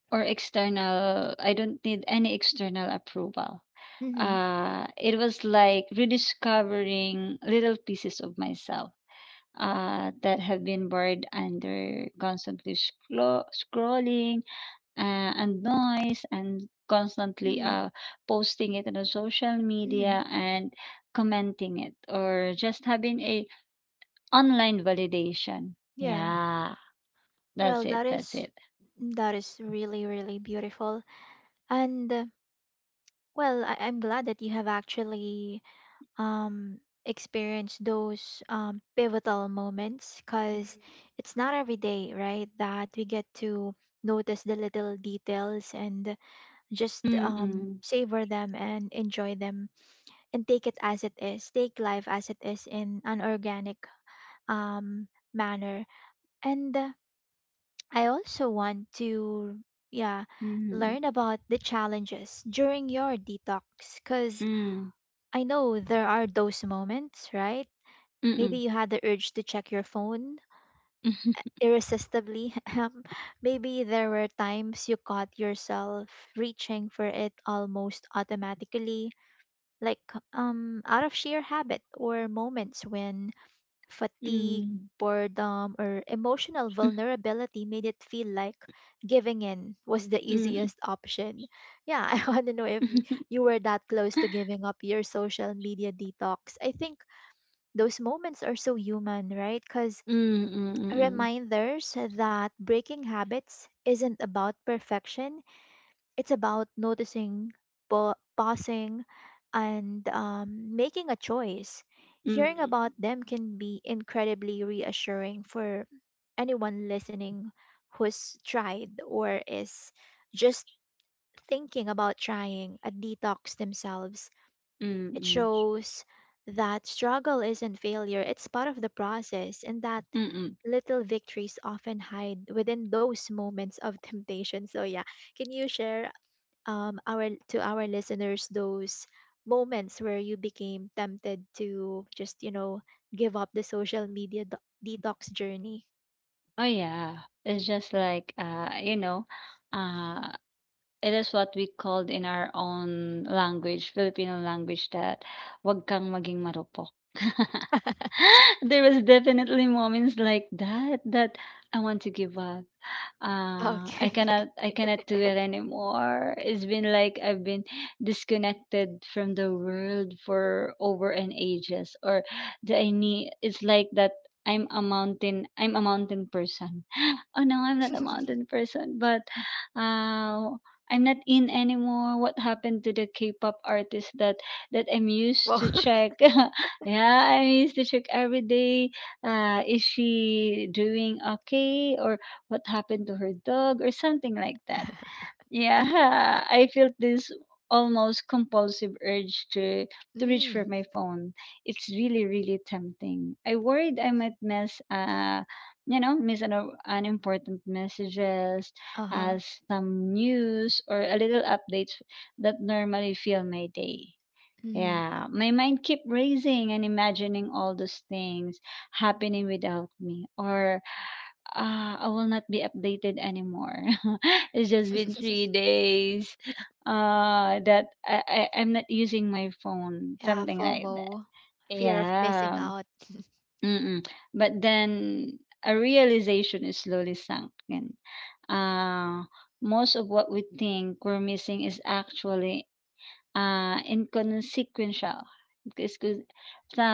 S2: or external, I don't need any external approval.
S1: Mhm.
S2: It was like rediscovering little pieces of myself that have been buried under constantly scrolling and noise and constantly
S1: Mhm.
S2: posting it on the social
S1: Mhm.
S2: media and commenting it, or just having a online validation.
S1: Yeah.
S2: Yeah, that's
S1: Well,
S2: it,
S1: that
S2: that's
S1: is,
S2: it.
S1: that is really really beautiful. And well, I- I'm glad that you have actually um experienced those pivotal moments, cuz it's not every day, right, that we get to notice the little details and just
S2: Mm-mm.
S1: savor them and enjoy them and take it as it is, take life as it is in an organic um, manner. And I also want to, yeah,
S2: Mm-mm.
S1: learn about the challenges during your detox, because
S2: Mm.
S1: I know there are those moments, right? Maybe
S2: Mm-mm.
S1: you had the urge to check your phone irresistibly. Maybe there were times you caught yourself reaching for it almost automatically, like out of sheer habit, or moments when fatigue,
S2: Mm.
S1: boredom, or emotional vulnerability made it feel like giving in was the
S2: Mm.
S1: easiest option. Yeah, I want to know if you were that close to giving up your social media detox. I think those moments are so human, right? Because
S2: Mm-mm.
S1: reminders that breaking habits isn't about perfection, it's about noticing, pausing, and making a choice. Hearing
S2: Mm.
S1: about them can be incredibly reassuring for anyone listening who's tried or is just thinking about trying a detox themselves. It
S2: Mm-mm.
S1: shows that struggle isn't failure, it's part of the process, and that
S2: Mm-mm.
S1: little victories often hide within those moments of temptation. So, yeah, can you share our to our listeners those moments where you became tempted to just you know give up the social media detox journey?
S2: Oh yeah. It's just like, you know, uh it is what we called in our own language, Filipino language, that, "Wag kang maging marupok." There was definitely moments like that that I want to give up.
S1: Okay.
S2: I cannot do it anymore. It's been like I've been disconnected from the world for over an ages, or the I need, it's like that, I'm a mountain person. Oh no, I'm not a mountain person, but uh I'm not in anymore. What happened to the K-pop artist that I'm used
S1: Well.
S2: to check? Yeah, I used to check every day. Is she doing okay, or what happened to her dog, or something like that? Yeah, I felt this almost compulsive urge to reach for
S1: Mm.
S2: my phone. It's really, really tempting. I worried I might miss, you know, miss an unimportant messages, as
S1: Uh-huh.
S2: some news or a little updates that normally fill my day.
S1: Mm.
S2: Yeah, my mind kept racing and imagining all those things happening without me, or I will not be updated anymore. It's just been three days I'm not using my phone,
S1: Yeah,
S2: something like that.
S1: fomo, fear of missing
S2: Yeah,
S1: out.
S2: mm-mm. But then a realization is slowly sunk in. Uh, Most of what we think we're missing is actually inconsequential, because 'cause the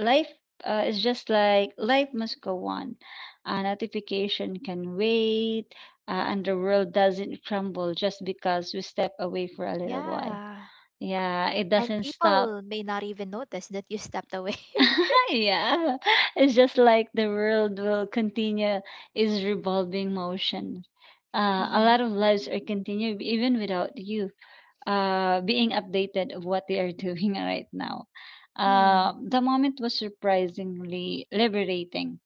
S2: life, is just like life must go on. A notification can wait, and the world doesn't crumble just because we step away for a little while.
S1: Yeah,
S2: Yeah, it
S1: and
S2: doesn't stop.
S1: people may not even notice that you stepped away.
S2: Yeah, it's just like the world will continue its revolving motion. A
S1: Mm-hmm.
S2: lot of lives are continued even without you being updated of what they are doing right now.
S1: Mm.
S2: The moment was surprisingly liberating.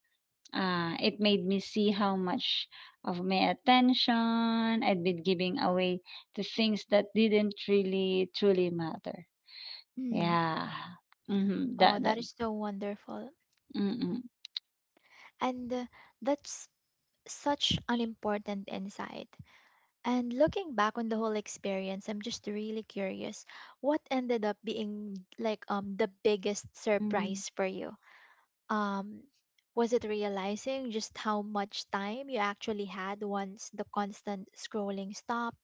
S2: It made me see how much of my attention I'd been giving away to things that didn't really truly matter.
S1: Mm.
S2: Yeah. Mm-hmm.
S1: Oh,
S2: That that.
S1: that is so wonderful.
S2: Mm-mm.
S1: And that's such an important insight. And looking back on the whole experience, I'm just really curious what ended up being like the biggest
S2: Mm-mm.
S1: surprise for you. Um was it realizing just how much time you actually had once the constant scrolling stopped?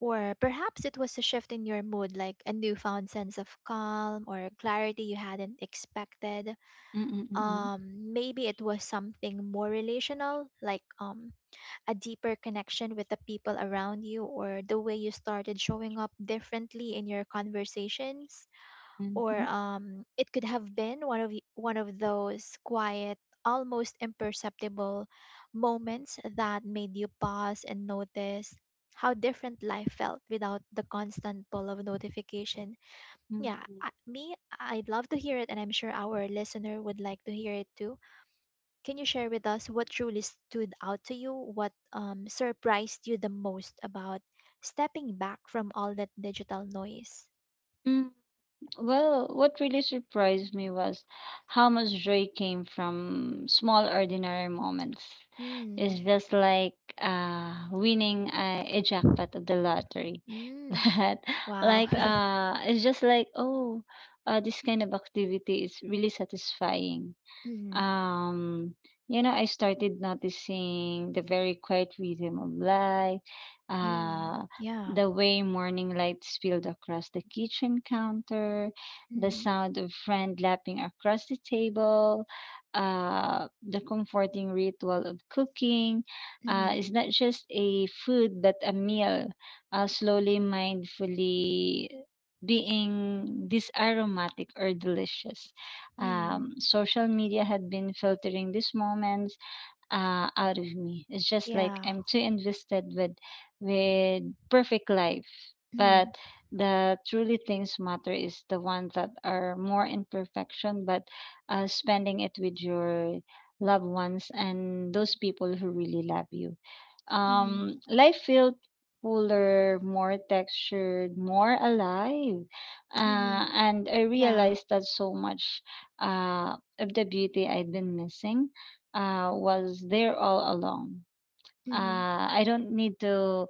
S1: Or perhaps it was a shift in your mood, like a newfound sense of calm or clarity you hadn't expected.
S2: Mm-mm. Mm-mm.
S1: Maybe it was something more relational, like a deeper connection with the people around you or the way you started showing up differently in your conversations, or
S2: Mm-hmm.
S1: it could have been one of one of those quiet, almost imperceptible moments that made you pause and notice how different life felt without the constant pull of notification. Yeah,
S2: Mm-hmm.
S1: I'd love to hear it, and I'm sure our listener would like to hear it too. Can you share with us what truly stood out to you? What surprised you the most about stepping back from all that digital noise?
S2: Mm-hmm. Well, what really surprised me was how much joy came from small, ordinary moments.
S1: Mm.
S2: It's just like, winning a jackpot of the lottery.
S1: Mm.
S2: That,
S1: Wow.
S2: like, it's just like, oh, this kind of activity is really satisfying.
S1: Mm.
S2: um you know, I started noticing the very quiet rhythm of light,
S1: Mm.
S2: uh
S1: Yeah.
S2: the way morning light spilled across the kitchen counter, the
S1: Mm-hmm.
S2: sound of friend lapping across the table, the comforting ritual of cooking,
S1: Mm-hmm.
S2: it's not just a food but a meal, slowly, mindfully, being this aromatic or delicious.
S1: Mm.
S2: Social media had been filtering these moments out of me. It's just like
S1: Yeah.
S2: I'm too invested with with perfect life, but
S1: Mm.
S2: the truly things matter is the ones that are more imperfection, but spending it with your loved ones and those people who really love you.
S1: Mm-hmm.
S2: Life felt fuller, more textured, more alive.
S1: Mm-hmm.
S2: And I
S1: Yeah.
S2: realized that so much of the beauty I'd been missing was there all along.
S1: Mm-hmm.
S2: I don't need to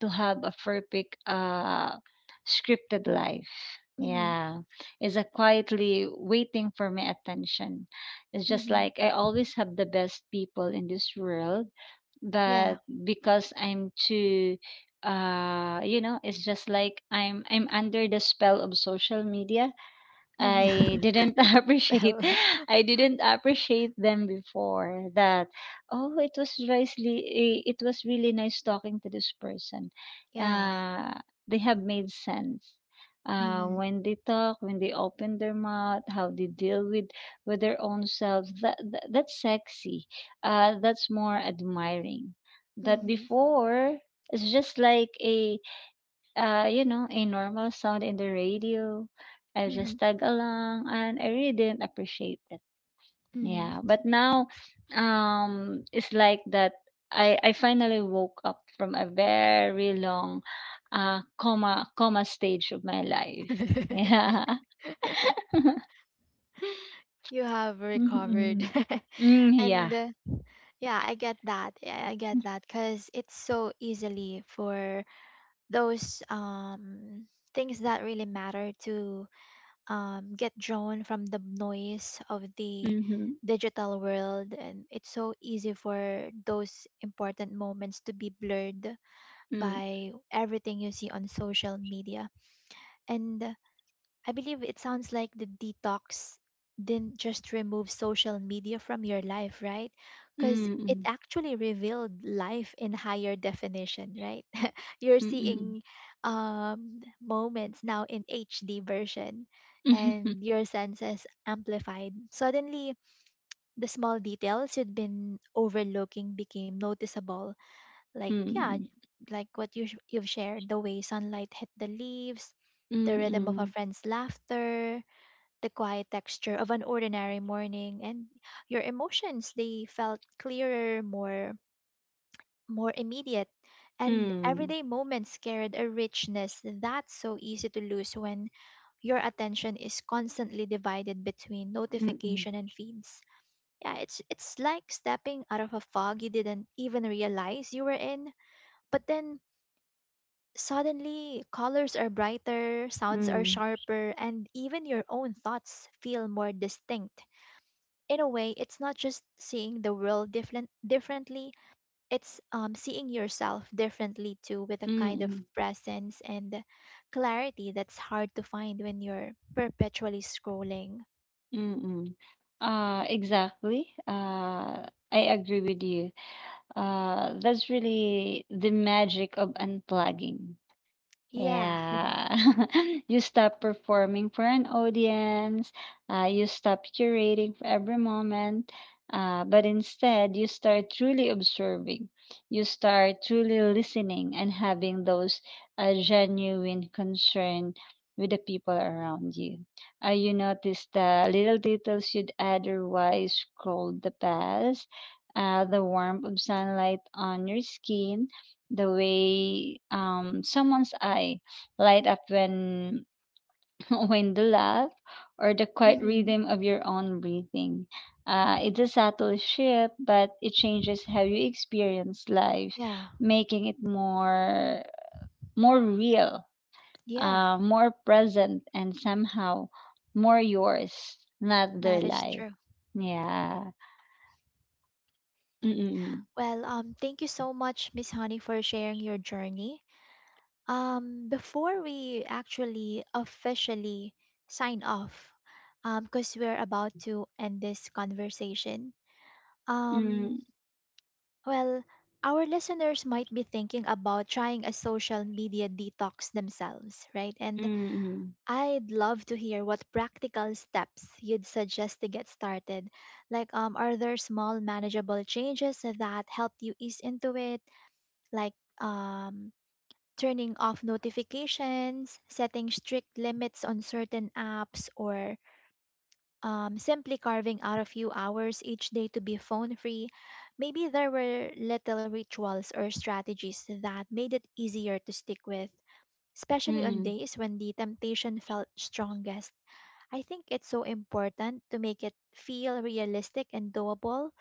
S2: to have a perfect scripted life.
S1: Mm-hmm.
S2: Yeah, it's a quietly waiting for my attention. It's just
S1: Mm-hmm.
S2: like I always have the best people in this world,
S1: Yeah.
S2: that because I'm too you know, it's just like I'm under the spell of social media.
S1: Mm.
S2: I didn't appreciate,
S1: Well,
S2: I didn't appreciate them before. That oh, it was really, it was really nice talking to this person.
S1: yeah.
S2: Uh they have made sense.
S1: Mm.
S2: When they talk, when they open their mouth, how they deal with their own selves, that, that's sexy. That's more admiring. That
S1: Mm.
S2: before, it's just like a, you know, a normal sound in the radio, I
S1: Mm.
S2: just tag along, and I really didn't appreciate it.
S1: Mm.
S2: Yeah, but now, it's like that. I finally woke up from a very long, coma stage of my life. Yeah.
S1: You have
S2: Hmm.
S1: recovered.
S2: Hmm. Hmm. Yeah.
S1: And yeah, I get that. Yeah, I get that, because it's so easily for those things that really matter to get drawn from the noise of the
S2: Hmm.
S1: digital world, and it's so easy for those important moments to be blurred
S2: Hmm.
S1: by everything you see on social media. And I believe it sounds like the detox didn't just remove social media from your life, right? Because it
S2: Hmm.
S1: actually revealed life in higher definition, right? You're
S2: Hmm.
S1: seeing moments now in HD version,
S2: Hmm.
S1: and your senses amplified. Suddenly, the small details you'd been overlooking became noticeable. Like, yeah,
S2: Hmm.
S1: like what you, you've shared: the way sunlight hit the leaves, the rhythm of a
S2: Hmm.
S1: friend's laughter, the quiet texture of an ordinary morning, and your emotions, they felt clearer, more, more immediate, and
S2: Hmm.
S1: everyday moments carried a richness that's so easy to lose when your attention is constantly divided between
S2: Hmm.
S1: notification and feeds. Yeah, it's like stepping out of a fog you didn't even realize you were in, but then suddenly colors are brighter, sounds
S2: Hmm.
S1: are
S2: Hmm.
S1: sharper, and even your own thoughts feel more distinct. In a way, it's not just seeing the world differently, it's seeing yourself differently too, with a kind of
S2: Hmm.
S1: presence and clarity that's hard to find when you're perpetually scrolling.
S2: Mm-mm. Exactly. I agree with you. That's really the magic of unplugging.
S1: Yeah.
S2: Yeah. You stop performing for an audience, you stop curating for every moment, but instead you start truly observing. You start truly listening and having those genuine concern with the people around you. You notice the little details you'd otherwise scroll the past, the warmth of sunlight on your skin, the way someone's eye light up when when they laugh, or the quiet
S1: Hmm.
S2: rhythm of your own breathing. It's a subtle shift, but it changes how you experience life,
S1: Yeah.
S2: making it more real,
S1: Yeah,
S2: more present, and somehow more yours, not their
S1: that is
S2: life.
S1: true.
S2: Yeah. Mm-mm.
S1: Well, thank you so much, Miss Honey, for sharing your journey. Before we actually officially sign off, because we're about to end this conversation.
S2: Mm-mm.
S1: um Well, our listeners might be thinking about trying a social media detox themselves, right? And I'd love to hear what practical steps you'd suggest to get started. Like, are there small, manageable changes that helped you ease into it? Like, um, turning off notifications, setting strict limits on certain apps, or simply carving out a few hours each day to be phone free? Maybe there were little rituals or strategies that made it easier to stick with, especially on
S2: Mm-mm.
S1: days when the temptation felt strongest. I think it's so important to make it feel realistic and doable,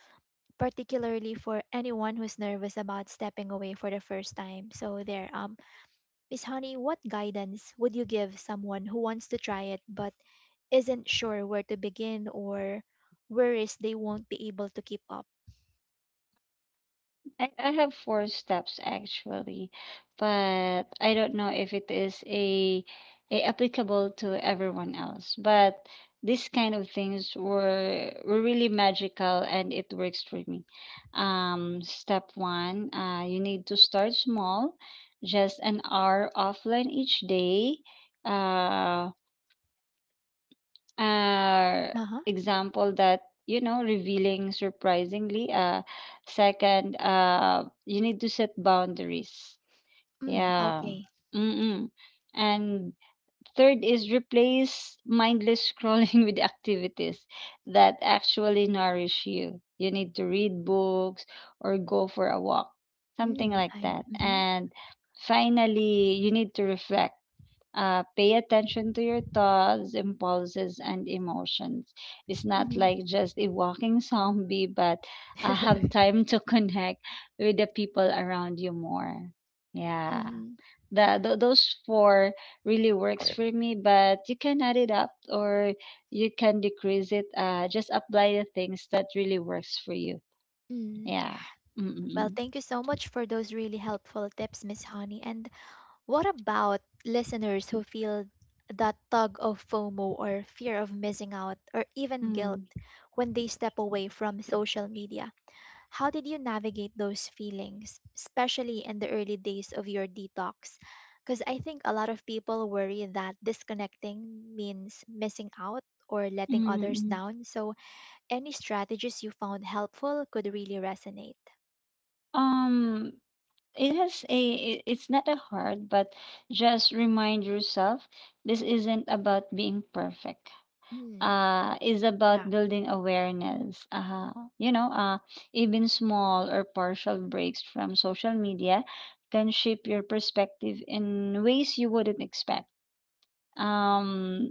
S1: particularly for anyone who's nervous about stepping away for the first time. So there. Miss Honey, what guidance would you give someone who wants to try it but isn't sure where to begin or worries they won't be able to keep up?
S2: I have 4 steps actually, but I don't know if it is a applicable to everyone else. But these kind of things were really magical and it works for me. Step 1, you need to start small, just an hour offline each day. Uh, uh,
S1: Uh huh.
S2: Example that you know revealing surprisingly. Second, you need to set boundaries.
S1: Mm,
S2: Yeah.
S1: okay.
S2: mm mm. And third is replace mindless scrolling with activities that actually nourish you. You need to read books or go for a walk, something
S1: Mm,
S2: like
S1: I.
S2: that.
S1: Mm-hmm.
S2: And finally you need to reflect. Pay attention to your thoughts, impulses, and emotions. It's not
S1: Mm-hmm.
S2: like just a walking zombie, but have time to connect with the people around you more. Yeah,
S1: Mm-hmm.
S2: those four really works for me, but you can add it up or you can decrease it. Just apply the things that really works for you.
S1: Mm.
S2: Yeah.
S1: Well,
S2: Mm-mm.
S1: thank you so much for those really helpful tips, Miss Honey. And what about listeners who feel that tug of FOMO, or fear of missing out, or even guilt
S2: Mm.
S1: when they step away from social media? How did you navigate those feelings, especially in the early days of your detox? Because I think a lot of people worry that disconnecting means missing out or letting others
S2: Mm-mm.
S1: down. So, any strategies you found helpful could really resonate.
S2: Um. It has a it's not a hard, but just remind yourself this isn't about being perfect.
S1: Mm,
S2: It's about
S1: yeah.
S2: building awareness. You know uh Even small or partial breaks from social media can shape your perspective in ways you wouldn't expect.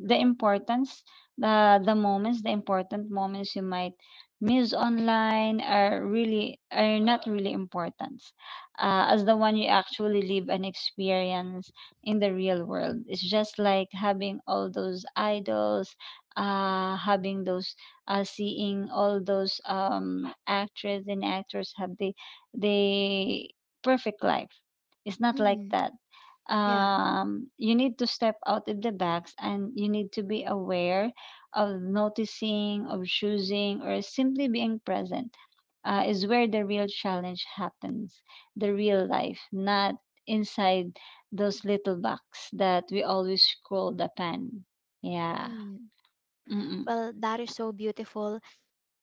S2: The importance, the important moments you might miss online are really are not really important, as the one you actually live and experience in the real world. It's just like having all those idols, having those, seeing all those actresses and actors have the perfect life. It's not like
S1: Hmm.
S2: that.
S1: Yeah.
S2: You need to step out of the box and you need to be aware of noticing, of choosing, or simply being present. Is where the real challenge happens, the real life, not inside those little box that we always scroll the pen. Yeah.
S1: Mm.
S2: Mm-mm.
S1: Well, that is so beautiful.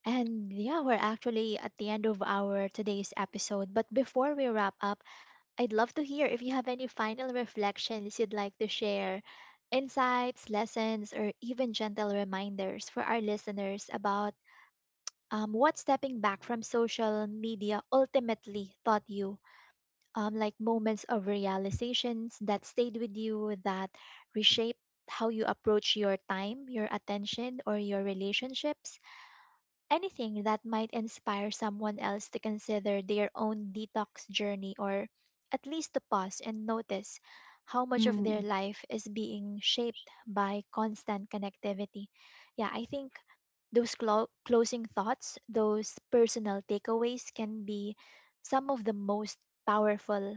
S1: And yeah, we're actually at the end of our today's episode. But before we wrap up, I'd love to hear if you have any final reflections you'd like to share, insights, lessons, or even gentle reminders for our listeners about what stepping back from social media ultimately taught you. Like moments of realizations that stayed with you, that reshaped how you approach your time, your attention, or your relationships, anything that might inspire someone else to consider their own detox journey, or at least to pause and notice how much of their
S2: Mm-mm.
S1: life is being shaped by constant connectivity. Yeah, I think those closing thoughts, those personal takeaways, can be some of the most powerful,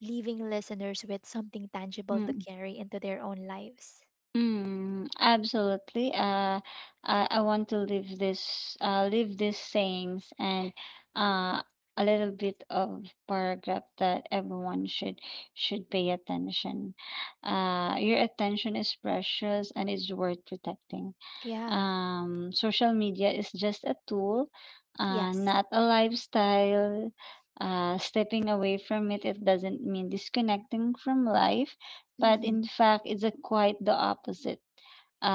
S1: leaving listeners with something tangible to carry into their own lives.
S2: Mm, absolutely. I want to leave this, leave these sayings and uh, a little bit of paragraph that everyone should pay attention. Your attention is precious and is worth protecting.
S1: Yeah,
S2: Social media is just a tool,
S1: yes.
S2: not a lifestyle. Stepping away from it, it doesn't mean disconnecting from life, but
S1: Mm-hmm.
S2: in fact, it's a quite the opposite.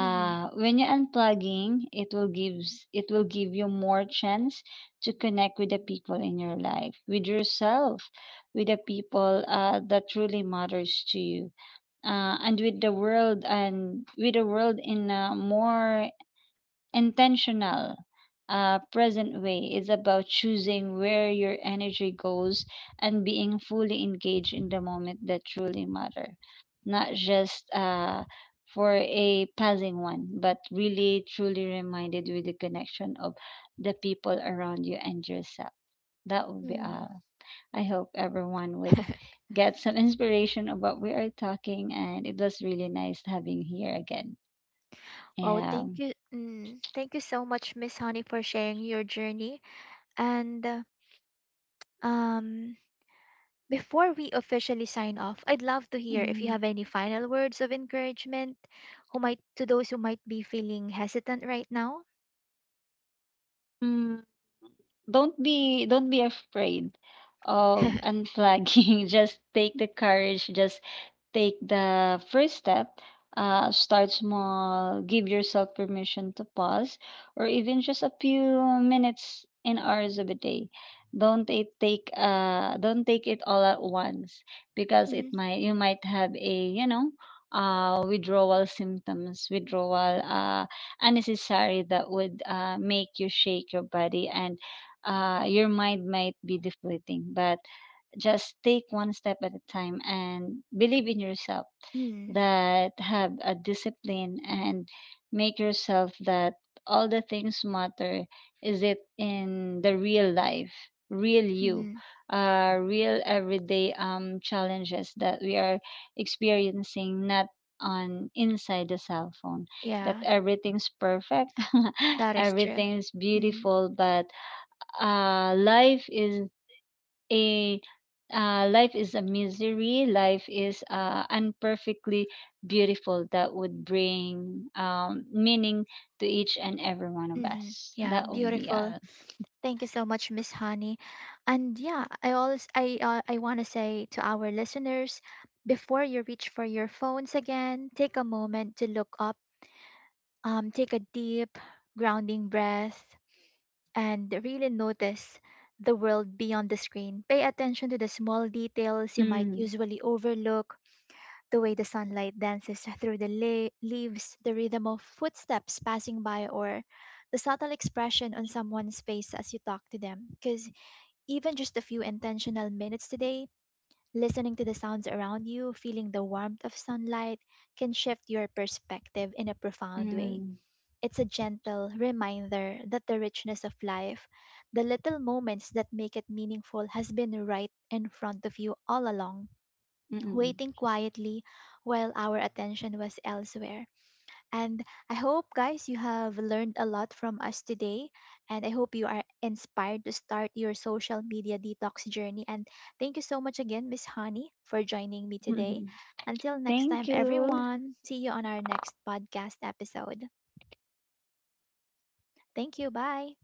S1: Mm-hmm.
S2: When you're unplugging, it will give you more chance to connect with the people in your life, with yourself, with the people that truly matters to you, and with the world in a more intentional, present way. Is about choosing where your energy goes and being fully engaged in the moment that truly matter, not just for a passing one, but really truly reminded with the connection of the people around you and yourself. That would be
S1: Mm-hmm.
S2: all. I hope everyone would get some inspiration of what we are talking, and it was really nice having here again.
S1: Oh,
S2: Yeah.
S1: thank you. Mm, thank you so much, Miss Honey, for sharing your journey. And um, before we officially sign off, I'd love to hear if you have any final words of encouragement who might to those who might be feeling hesitant right now.
S2: Mm. Don't be afraid of unflagging. Just take the courage, just take the first step. Start small, give yourself permission to pause, or even just a few minutes and hours of a day. Don't take it all at once because it
S1: Mhm.
S2: might, you might have a, you know, withdrawal symptoms, withdrawal unnecessary that would make you shake your body and your mind might be deflating, but just take one step at a time and believe in yourself,
S1: Mm.
S2: that have a discipline and make yourself that all the things matter is it in the real life, real you,
S1: Mhm.
S2: real everyday challenges that we are experiencing, not on inside the cell phone that
S1: Yeah,
S2: everything's perfect.
S1: that is true.
S2: Everything's
S1: Hmm.
S2: beautiful, but uh, life is a life is a misery. Life is imperfectly beautiful, that would bring meaning to each and every one of
S1: Hmm.
S2: us.
S1: Yeah,
S2: That would be
S1: beautiful.
S2: all.
S1: Thank you so much, Miss Honey. And yeah, I always I want to say to our listeners, before you reach for your phones again, take a moment to look up. Take a deep, grounding breath, and really notice the world beyond the screen. Pay attention to the small details you might
S2: Mm,
S1: usually overlook. The way the sunlight dances through the leaves, the rhythm of footsteps passing by, or the subtle expression on someone's face as you talk to them, because even just a few intentional minutes today, listening to the sounds around you, feeling the warmth of sunlight, can shift your perspective in a profound way.
S2: mm,
S1: It's a gentle reminder that the richness of life, the little moments that make it meaningful, has been right in front of you all along,
S2: mm,
S1: waiting quietly while our attention was elsewhere. And I hope, guys, you have learned a lot from us today. And I hope you are inspired to start your social media detox journey. And thank you so much again, Miss Honey, for joining me today.
S2: mm.
S1: Until next time,
S2: Thank you.
S1: everyone, see you on our next podcast episode. Thank you. Bye.